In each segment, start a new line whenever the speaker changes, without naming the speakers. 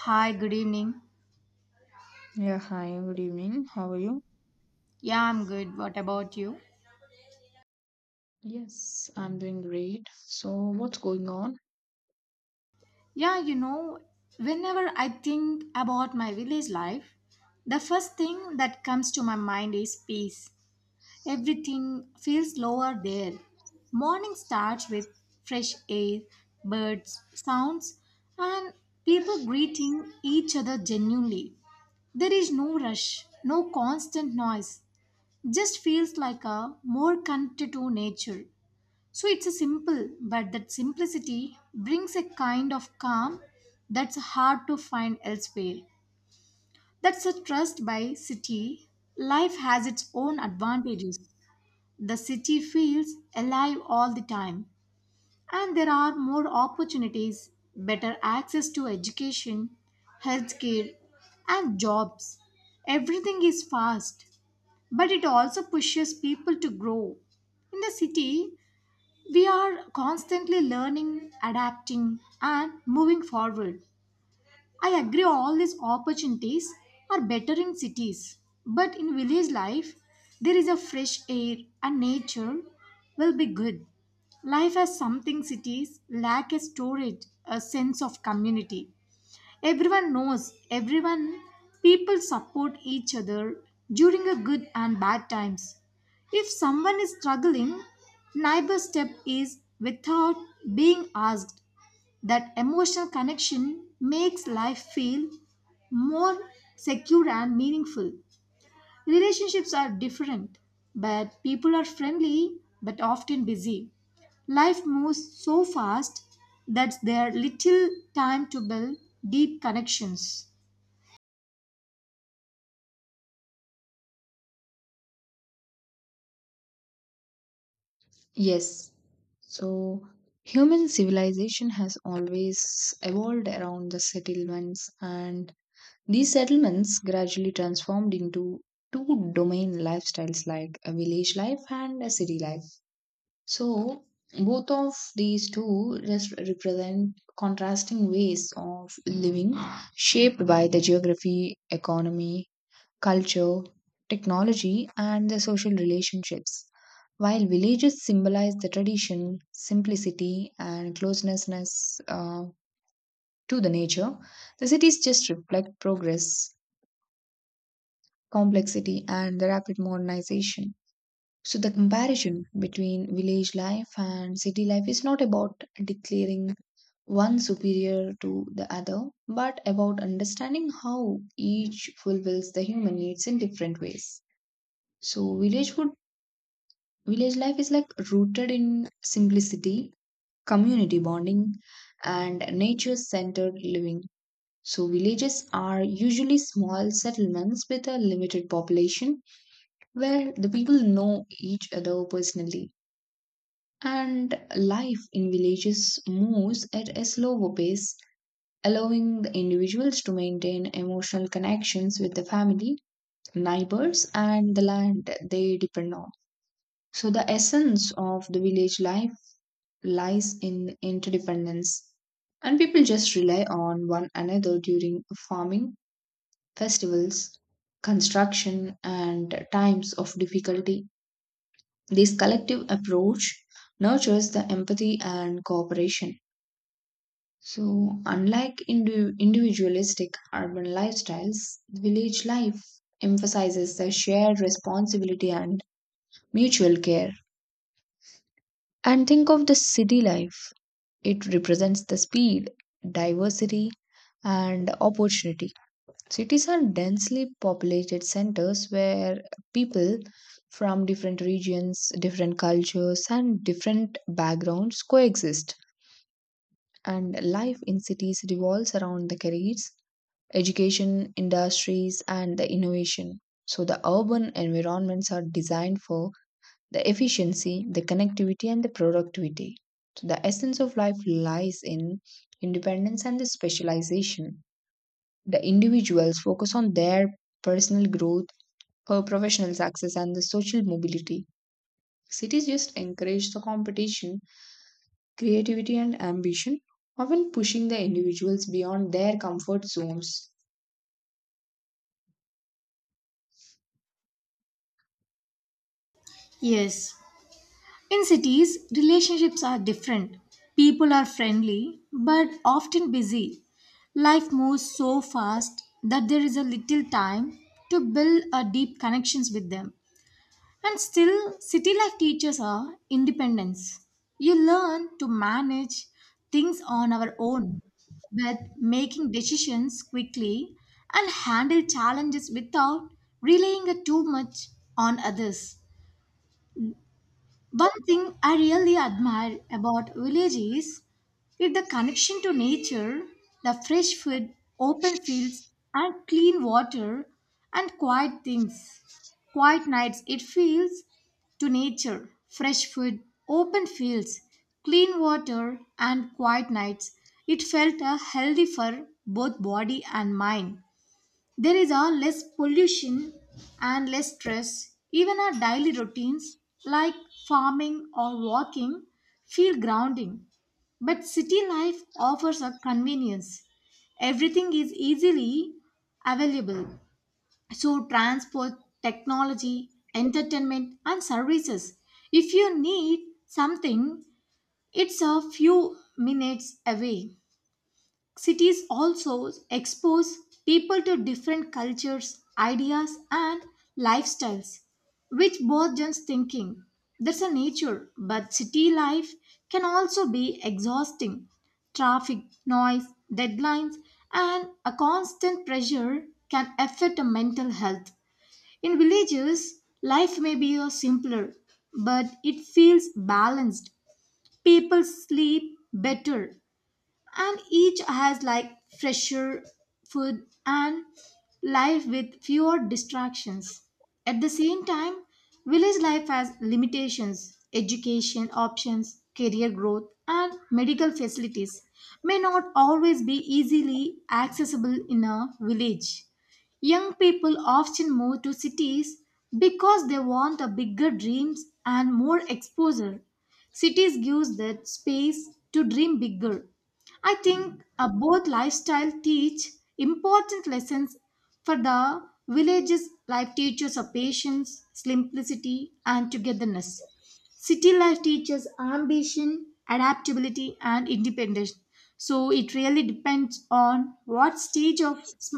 Hi, good evening.
Yeah, hi, good evening. How are you?
Yeah, I'm good. What about you?
Yes, I'm doing great. So, what's going on?
Yeah, whenever I think about my village life, the first thing that comes to my mind is peace. Everything feels slower there. Morning starts with fresh air, birds, sounds, and people greeting each other genuinely. There is no rush, no constant noise. Just feels like a more connected to nature. So it's a simple, but that simplicity brings a kind of calm that's hard to find elsewhere. That's a trust by city. Life has its own advantages. The city feels alive all the time, and there are more opportunities, better access to education, healthcare, and jobs. Everything is fast, but it also pushes people to grow. In the city, we are constantly learning, adapting, and moving forward. I agree all these opportunities are better in cities, but in village life, there is a fresh air and nature will be good. Life has something cities lack a storage, a sense of community. Everyone knows everyone. People support each other during a good and bad times. If someone is struggling, neighbor step is without being asked. That emotional connection makes life feel more secure and meaningful. Relationships are different, but people are friendly but often busy. Life moves so fast that there are little time to build deep connections.
Yes. So, human civilization has always evolved around the settlements, and these settlements gradually transformed into two domain lifestyles like a village life and a city life. So, both of these two just represent contrasting ways of living shaped by the geography, economy, culture, technology, and the social relationships. While villages symbolize the tradition, simplicity, and closeness to the nature, the cities just reflect progress, complexity, and the rapid modernization. So, the comparison between village life and city life is not about declaring one superior to the other, but about understanding how each fulfills the human needs in different ways. So, village would. Village life is like rooted in simplicity, community bonding, and nature centered living. So, villages are usually small settlements with a limited population where the people know each other personally. And life in villages moves at a slower pace, allowing the individuals to maintain emotional connections with the family, neighbors, and the land they depend on. So, the essence of the village life lies in interdependence. And people just rely on one another during farming, festivals, construction, and times of difficulty. This collective approach nurtures the empathy and cooperation. So, unlike individualistic urban lifestyles, village life emphasizes the shared responsibility and mutual care. And think of the city life. It represents the speed, diversity, and opportunity. Cities are densely populated centers where people from different regions, different cultures, and different backgrounds coexist. And life in cities revolves around the careers, education, industries, and the innovation. So, the urban environments are designed for the efficiency, the connectivity, and the productivity. So, the essence of life lies in independence and the specialization the individuals focus on their personal growth, professional success, and the social mobility. Cities just encourage the competition, creativity, and ambition, often pushing the individuals beyond their comfort zones.
Yes, in cities, relationships are different. People are friendly but often busy. Life moves so fast that there is a little time to build a deep connections with them. And still, city life teaches our independence. You learn to manage things on our own, but making decisions quickly and handle challenges without relying too much on others. One thing I really admire about village is it the connection to nature, the fresh food, open fields, and clean water, and quiet things. Quiet nights, it feels to nature, fresh food, open fields, clean water, and quiet nights. It felt a healthy for both body and mind. There is a less pollution and less stress. Even our daily routines like farming or walking feel grounding. But city life offers a convenience. Everything is easily available. So transport, technology, entertainment and services. If you need something, it's a few minutes away. Cities also expose people to different cultures, ideas, and lifestyles, which broadens thinking. That's a nature, but city life can also be exhausting. Traffic, noise, deadlines, and a constant pressure can affect a mental health. In villages, life may be a simpler, but it feels balanced. People sleep better, and each has like fresher food and life with fewer distractions. At the same time, village life has limitations. Education options, career growth, and medical facilities may not always be easily accessible in a village. Young people often move to cities because they want a bigger dreams and more exposure. Cities gives that space to dream bigger I think both lifestyle teach important lessons for the village's life teaches of patience, simplicity, and togetherness. City life teaches ambition, adaptability, and independence. So it really depends on what stage of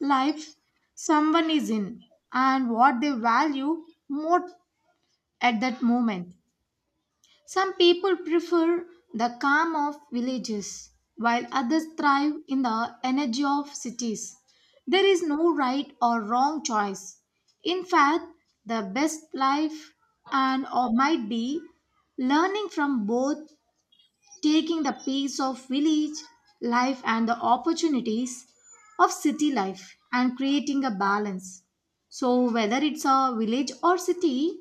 life someone is in and what they value more at that moment. Some people prefer the calm of villages, while others thrive in the energy of cities. There is no right or wrong choice. In fact, the best life and or might be learning from both, taking the pace of village life and the opportunities of city life and creating a balance. So whether it's a village or city,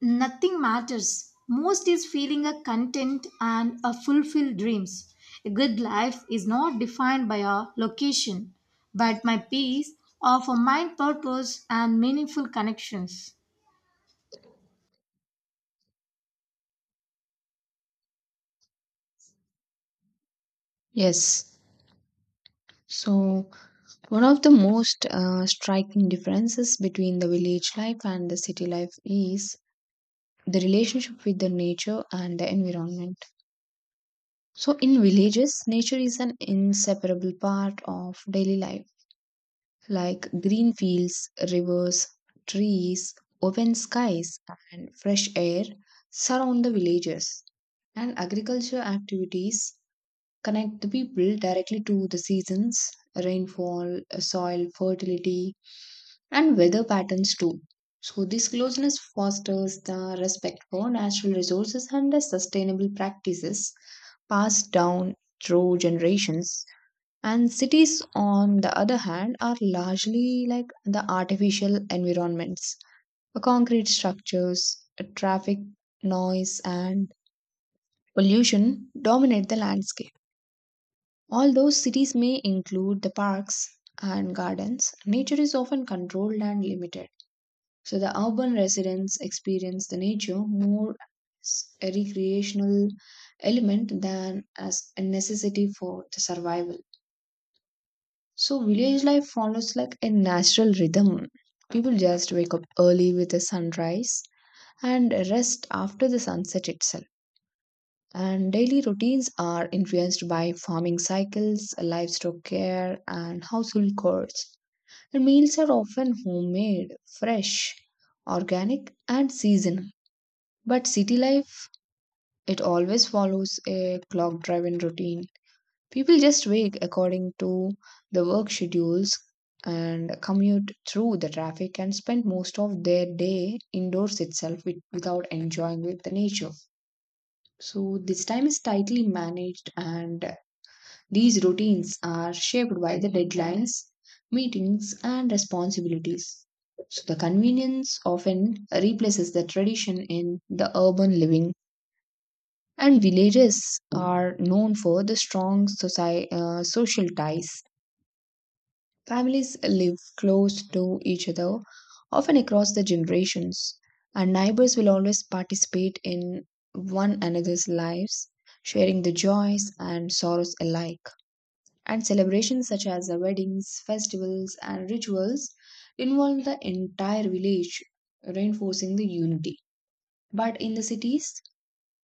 nothing matters. Most is feeling a content and a fulfilled dreams. A good life is not defined by a location, but my peace of a mind purpose and meaningful connections.
Yes. So, one of the most striking differences between the village life and the city life is the relationship with the nature and the environment. So, in villages, nature is an inseparable part of daily life like green fields, rivers, trees, open skies, and fresh air surround the villages. And agriculture activities connect the people directly to the seasons, rainfall, soil fertility, and weather patterns too. So, this closeness fosters the respect for natural resources and the sustainable practices passed down through generations and cities, on the other hand, are largely like the artificial environments. Concrete structures, traffic, noise, and pollution dominate the landscape. Although cities may include the parks and gardens, nature is often controlled and limited. So the urban residents experience the nature more as a recreational element than as a necessity for the survival. So village life follows like a natural rhythm. People just wake up early with the sunrise and rest after the sunset itself. And daily routines are influenced by farming cycles, livestock care, and household chores. And meals are often homemade, fresh, organic, and seasonal. But city life, it always follows a clock driven routine. People just wake according to the work schedules and commute through the traffic and spend most of their day indoors itself with, without enjoying with the nature. So this time is tightly managed and these routines are shaped by the deadlines, meetings and responsibilities. So the convenience often replaces the tradition in the urban living and villages are known for the strong social ties. Families live close to each other, often across the generations, and neighbors will always participate in one another's lives, sharing the joys and sorrows alike. And celebrations such as the weddings, festivals, and rituals involve the entire village, reinforcing the unity. But in the cities,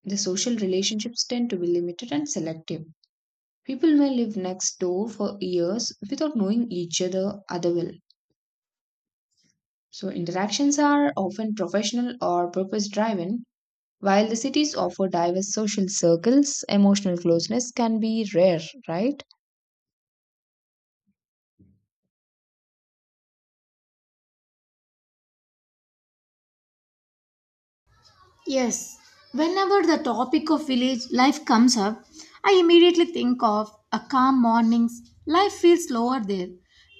the social relationships tend to be limited and selective. People may live next door for years without knowing each other other well. So interactions are often professional or purpose driven, while the cities offer diverse social circles, emotional closeness can be rare, right?
Yes, whenever the topic of village life comes up, I immediately think of a calm mornings. Life feels slower there.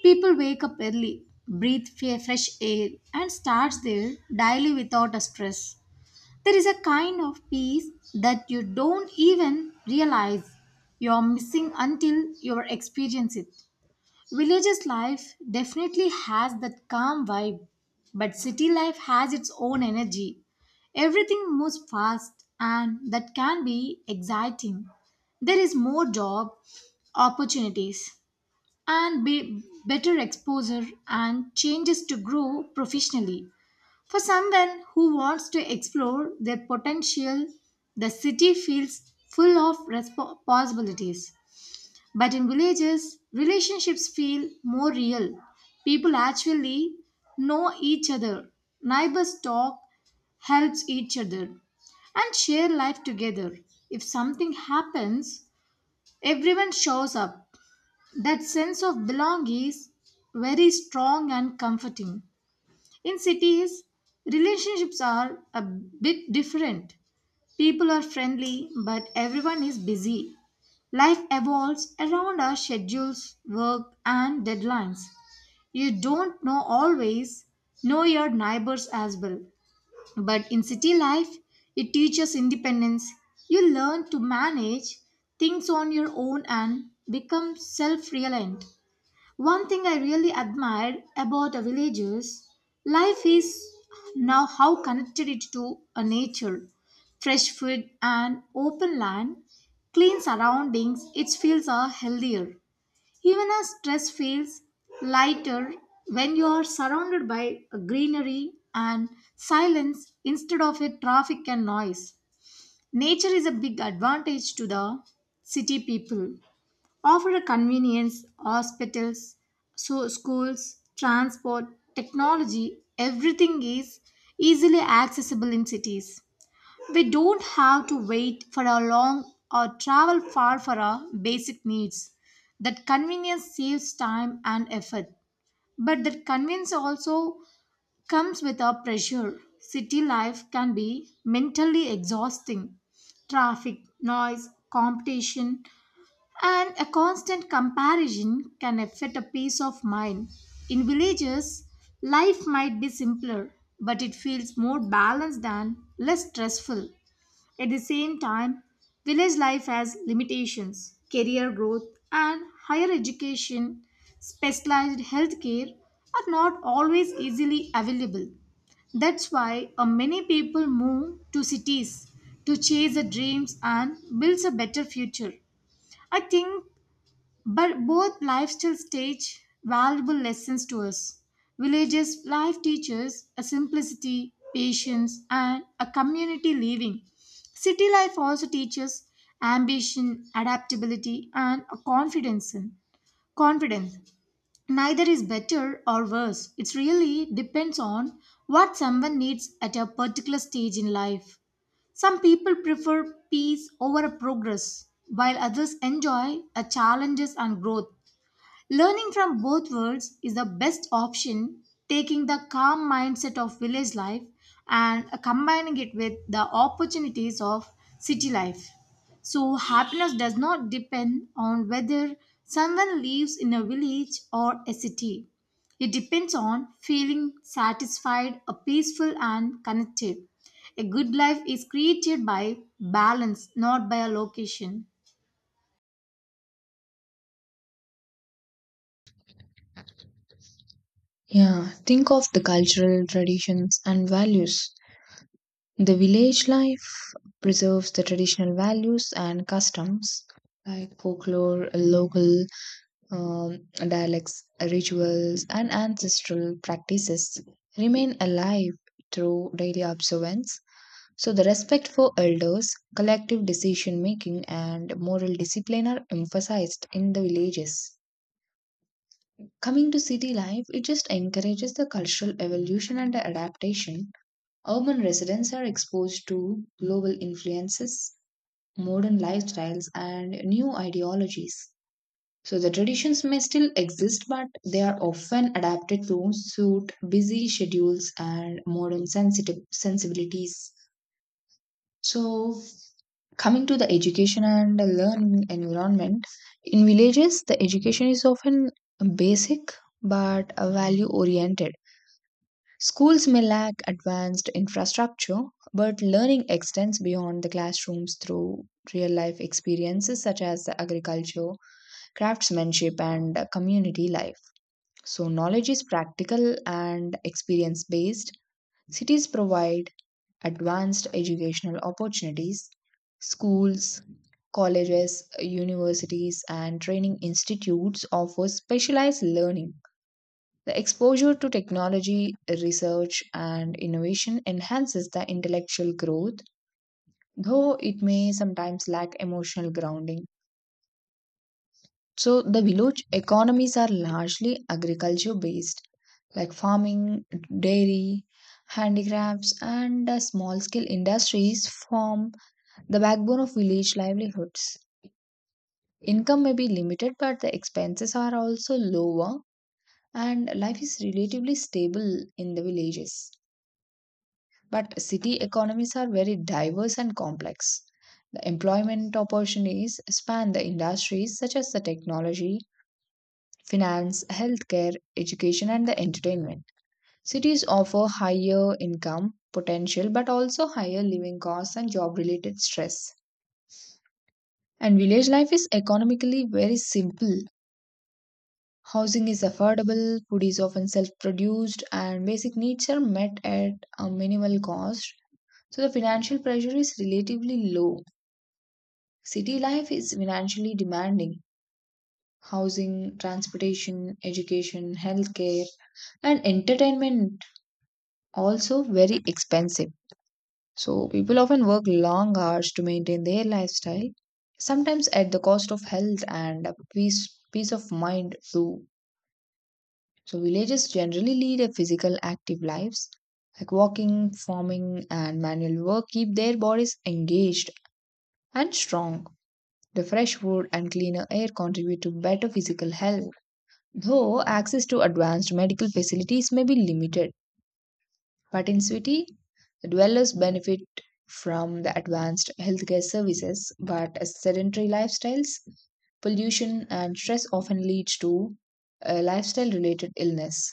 People wake up early, breathe fresh air, and starts their daily without a stress. There is a kind of peace that you don't even realize you're missing until you experience it. Villages life definitely has that calm vibe, but city life has its own energy. Everything moves fast, and that can be exciting. There is more job opportunities and be better exposure and changes to grow professionally. For someone who wants to explore their potential, the city feels full of possibilities. But in villages, relationships feel more real. People actually know each other. Neighbors talk, helps each other, and share life together. If something happens, everyone shows up. That sense of belonging is very strong and comforting. In cities, relationships are a bit different. People are friendly, but everyone is busy. Life evolves around our schedules, work, and deadlines. You don't know always know your neighbors as well. But in city life, it teaches independence. You learn to manage things on your own and become self reliant. One thing I really admired about a village's life is now how connected it to a nature. Fresh food and open land, clean surroundings, it feels are healthier. Even as stress feels lighter when you are surrounded by a greenery and silence instead of a traffic and noise. Nature is a big advantage to the city people. Offer a convenience, hospitals, so schools, transport, technology, everything is easily accessible in cities. We don't have to wait for a long or travel far for our basic needs. That convenience saves time and effort. But that convenience also comes with a pressure. City life can be mentally exhausting. Traffic, noise, competition, and a constant comparison can affect a peace of mind. In villages, life might be simpler, but it feels more balanced and less stressful. At the same time, village life has limitations. Career growth and higher education, specialized healthcare are not always easily available. That's why many people move to cities to chase their dreams and build a better future. I think but both lifestyles teach valuable lessons to us. Villages' life teaches a simplicity, patience, and a community living. City life also teaches ambition, adaptability, and a confidence. Confidence. Neither is better or worse. It really depends on what someone needs at a particular stage in life. Some people prefer peace over a progress, while others enjoy a challenges and growth. Learning from both worlds is the best option, taking the calm mindset of village life and combining it with the opportunities of city life. So, happiness does not depend on whether someone lives in a village or a city. It depends on feeling satisfied, peaceful, and connected. A good life is created by balance, not by a location.
Yeah, think of the cultural traditions and values. The village life preserves the traditional values and customs like folklore, local um, dialects, rituals, and ancestral practices remain alive through daily observance. So, the respect for elders, collective decision making, and moral discipline are emphasized in the villages. Coming to city life, it just encourages the cultural evolution and adaptation. Urban residents are exposed to global influences, modern lifestyles, and new ideologies. So, the traditions may still exist, but they are often adapted to suit busy schedules and modern sensitive sensibilities. So, coming to the education and learning environment, in villages, the education is often basic but value oriented. Schools may lack advanced infrastructure, but learning extends beyond the classrooms through real life experiences such as the agriculture, craftsmanship, and community life. So, knowledge is practical and experience based. Cities provide advanced educational opportunities, schools, colleges, universities, and training institutes offer specialized learning. The exposure to technology, research, and innovation enhances the intellectual growth, though it may sometimes lack emotional grounding. So, the village economies are largely agriculture based, like farming, dairy, handicrafts, and small scale industries form the backbone of village livelihoods. Income may be limited, but the expenses are also lower, and life is relatively stable in the villages. But city economies are very diverse and complex. The employment opportunities span the industries such as the technology, finance, healthcare, education, and the entertainment. Cities offer higher income potential but also higher living costs and job related stress. And village life is economically very simple. Housing is affordable, food is often self produced, and basic needs are met at a minimal cost. So, the financial pressure is relatively low. City life is financially demanding. Housing, transportation, education, healthcare, and entertainment also very expensive. So, people often work long hours to maintain their lifestyle, sometimes at the cost of health and a peace of mind, too. So villagers generally lead a physical active lives like walking, farming and manual work keep their bodies engaged and strong. The fresh food and cleaner air contribute to better physical health, though access to advanced medical facilities may be limited. But in city, the dwellers benefit from the advanced healthcare services, but as sedentary lifestyles, pollution, and stress often leads to lifestyle related illness.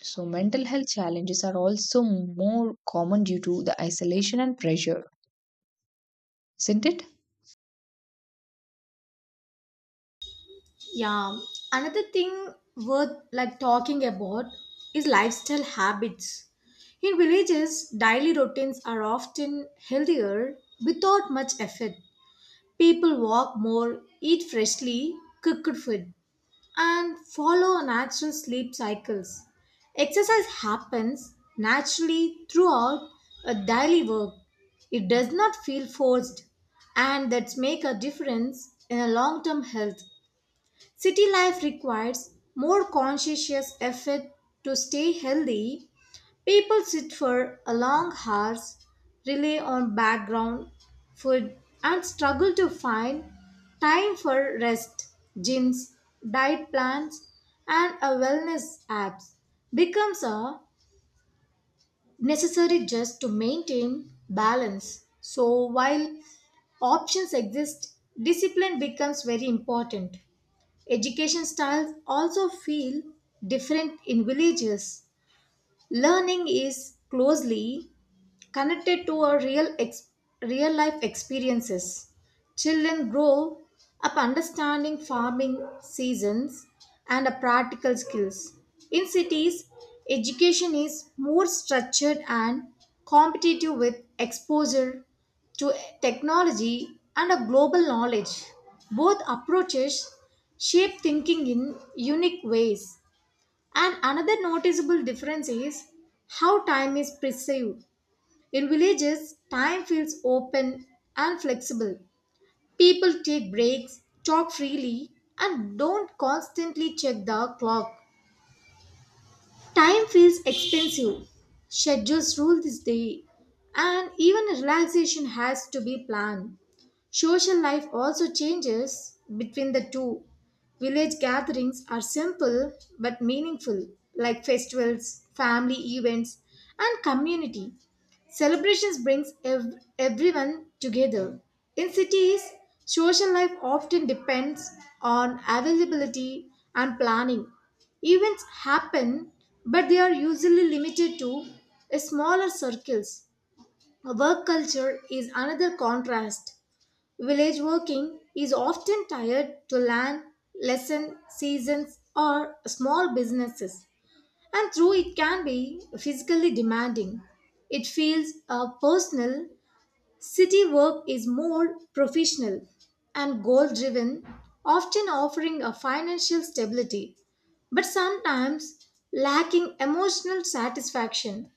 So, mental health challenges are also more common due to the isolation and pressure, isn't it?
Yeah, another thing worth like talking about is lifestyle habits. In villages, daily routines are often healthier without much effort. People walk more, eat freshly cooked food, and follow natural sleep cycles. Exercise happens naturally throughout a daily work. It does not feel forced, and that's make a difference in a long-term health. City life requires more conscientious effort to stay healthy. People sit for a long hours, rely on background food, and struggle to find time for rest. Gyms, diet plans, and a wellness apps becomes a necessary just to maintain balance. So while options exist, discipline becomes very important. Education styles also feel different in villages. Learning is closely connected to our real life experiences. Children grow up understanding farming seasons and a practical skills. In cities, education is more structured and competitive with exposure to technology and a global knowledge. Both approaches shape thinking in unique ways. And another noticeable difference is how time is perceived. In villages, time feels open and flexible. People take breaks, talk freely, and don't constantly check the clock. Time feels expensive. Schedules rule this day, and even relaxation has to be planned. Social life also changes between the two. Village gatherings are simple but meaningful, like festivals, family events, and community. Celebrations brings everyone together. In cities, social life often depends on availability and planning. Events happen, but they are usually limited to a smaller circles. Work culture is another contrast. Village working is often tied to land, lesson, seasons, or small businesses. And though it can be physically demanding, it feels personal. City work is more professional and goal driven, often offering a financial stability, but sometimes lacking emotional satisfaction.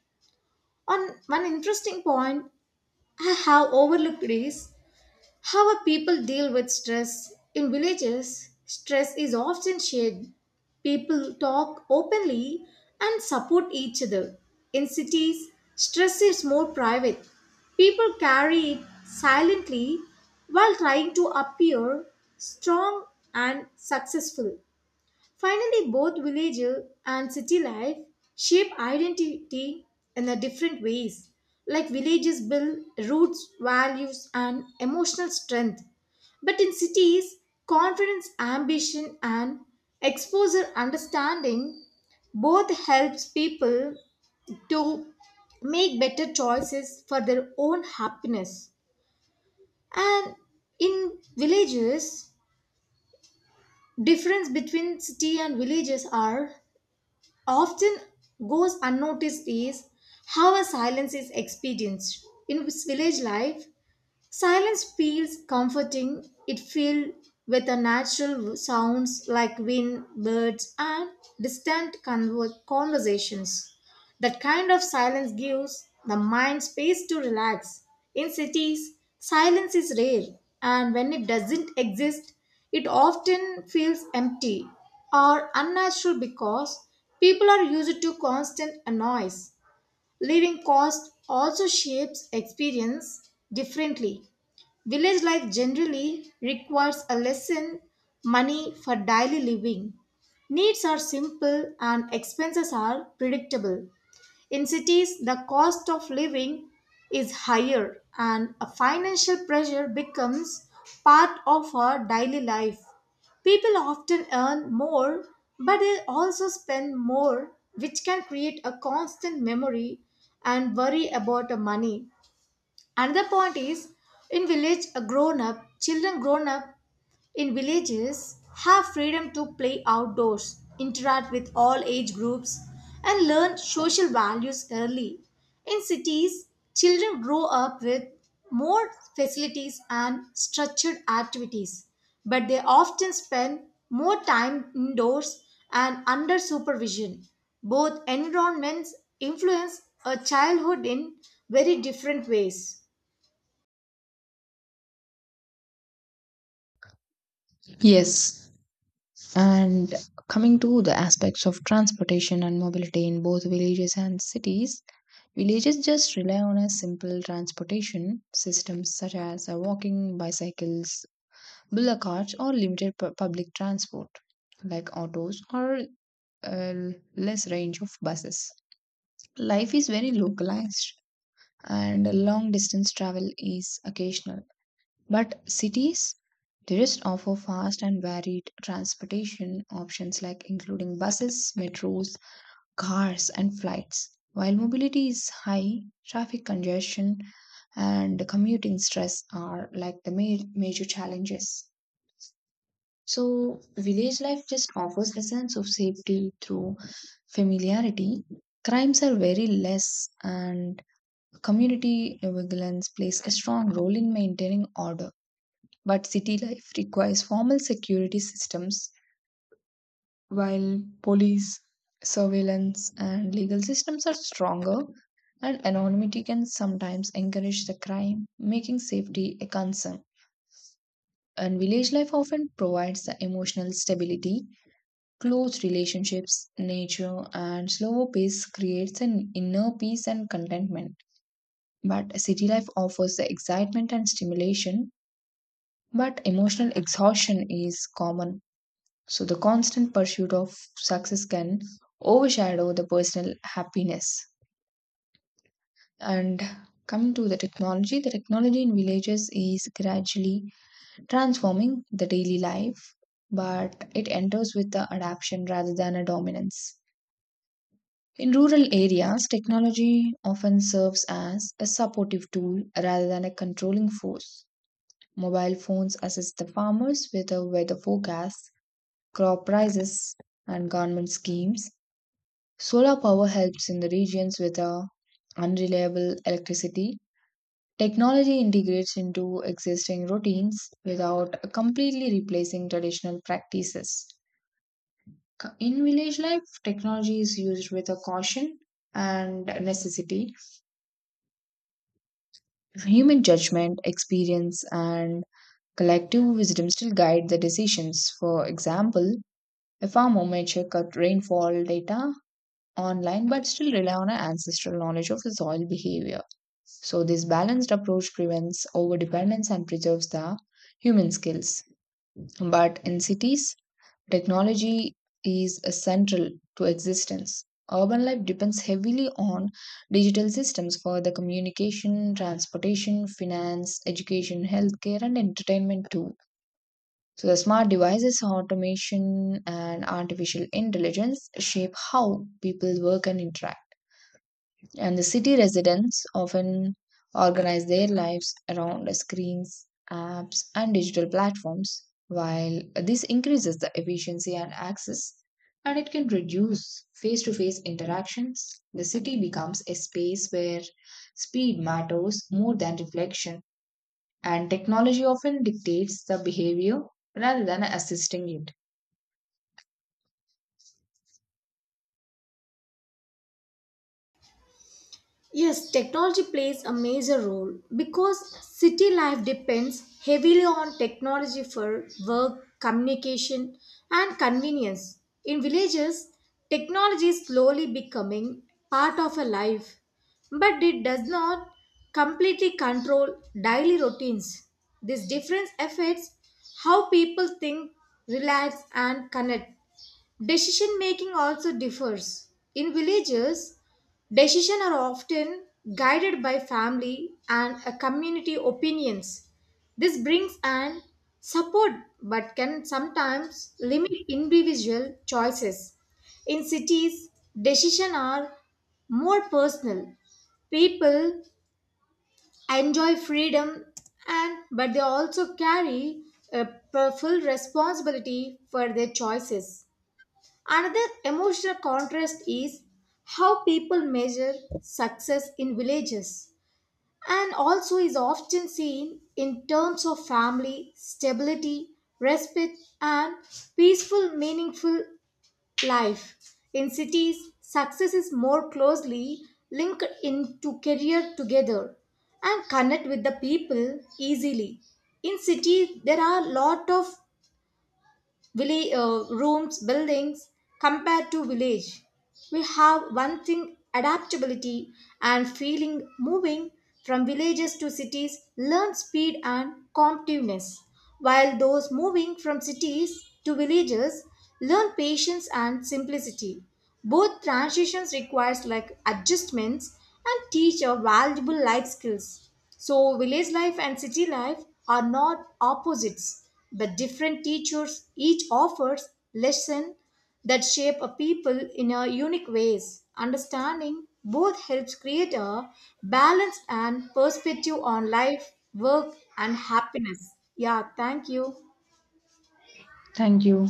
On one interesting point I have overlooked is how a people deal with stress. In villages, stress is often shared. People talk openly and support each other. In cities, stress is more private. People carry it silently while trying to appear strong and successful. Finally, both village and city life shape identity in a different ways. Like villages build roots, values, and emotional strength. But in cities, confidence, ambition, and exposure understanding both helps people to make better choices for their own happiness. And in villages, difference between city and villages are often goes unnoticed is how a silence is experienced in village life. Silence feels comforting. It fills with the natural sounds like wind, birds, and distant conversations. That kind of silence gives the mind space to relax. In cities, silence is rare, and when it doesn't exist, it often feels empty or unnatural because people are used to constant noise. Living cost also shapes experience differently. Village life generally requires a lesson money for daily living. Needs are simple and expenses are predictable. In cities, the cost of living is higher and a financial pressure becomes part of our daily life. People often earn more, but they also spend more, which can create a constant memory and worry about the money. Another point is in village a grown up children grown up in villages have freedom to play outdoors, interact with all age groups and learn social values early. In cities, children grow up with more facilities and structured activities, but they often spend more time indoors and under supervision. Both environments influence a childhood in very different ways.
Yes. And coming to the aspects of transportation and mobility in both villages and cities, villages just rely on a simple transportation systems such as walking, bicycles, bullock carts, or limited public transport like autos or uh, less range of buses. Life is very localized and long distance travel is occasional. But cities they just offer fast and varied transportation options like including buses, metros, cars and flights. While mobility is high, traffic congestion and commuting stress are like the major challenges. So, village life just offers a sense of safety through familiarity. Crimes are very less, and community vigilance plays a strong role in maintaining order. But city life requires formal security systems. While police, surveillance, and legal systems are stronger, and anonymity can sometimes encourage the crime, making safety a concern. And village life often provides the emotional stability, close relationships, nature, and slower pace creates an inner peace and contentment. But city life offers the excitement and stimulation, but emotional exhaustion is common. So the constant pursuit of success can overshadow the personal happiness. And coming to the technology in villages is gradually transforming the daily life, but it enters with the adaptation rather than a dominance. In rural areas, technology often serves as a supportive tool rather than a controlling force. Mobile phones assist the farmers with the weather forecasts, crop prices, and government schemes. Solar power helps in the regions with a unreliable electricity. Technology integrates into existing routines without completely replacing traditional practices. In village life, technology is used with a caution and necessity. Human judgment, experience, and collective wisdom still guide the decisions. For example, a farmer may check out rainfall data online but still rely on our ancestral knowledge of the soil behavior. So, this balanced approach prevents overdependence and preserves the human skills. But in cities, technology is central to existence. Urban life depends heavily on digital systems for the communication, transportation, finance, education, healthcare, and entertainment too. So, the smart devices, automation, and artificial intelligence shape how people work and interact. And the city residents often organize their lives around screens, apps, and digital platforms. While this increases the efficiency and access, and it can reduce face to face interactions, the city becomes a space where speed matters more than reflection, and technology often dictates the behavior rather than assisting it.
Yes, technology plays a major role because city life depends heavily on technology for work, communication, and convenience. In villages, technology is slowly becoming part of a life, but it does not completely control daily routines. This difference affects how people think, relax, and connect. Decision making also differs. In villages, decisions are often guided by family and a community opinions. This brings an support but can sometimes limit individual choices. In cities, decisions are more personal. People enjoy freedom and but they also carry a full responsibility for their choices. Another emotional contrast is how people measure success in villages and also is often seen in terms of family, stability, respect, and peaceful, meaningful life. In cities, success is more closely linked into career together and connect with the people easily. In cities, there are a lot of village, rooms, buildings compared to village. We have one thing adaptability and feeling moving from villages to cities learn speed and competitiveness, while those moving from cities to villages learn patience and simplicity. Both transitions requires like adjustments and teach a valuable life skills. So, village life and city life are not opposites, but different teachers each offers lesson that shape a people in a unique ways. Understanding both helps create a balanced and perspective on life, work, and happiness. Yeah, thank you.
Thank you.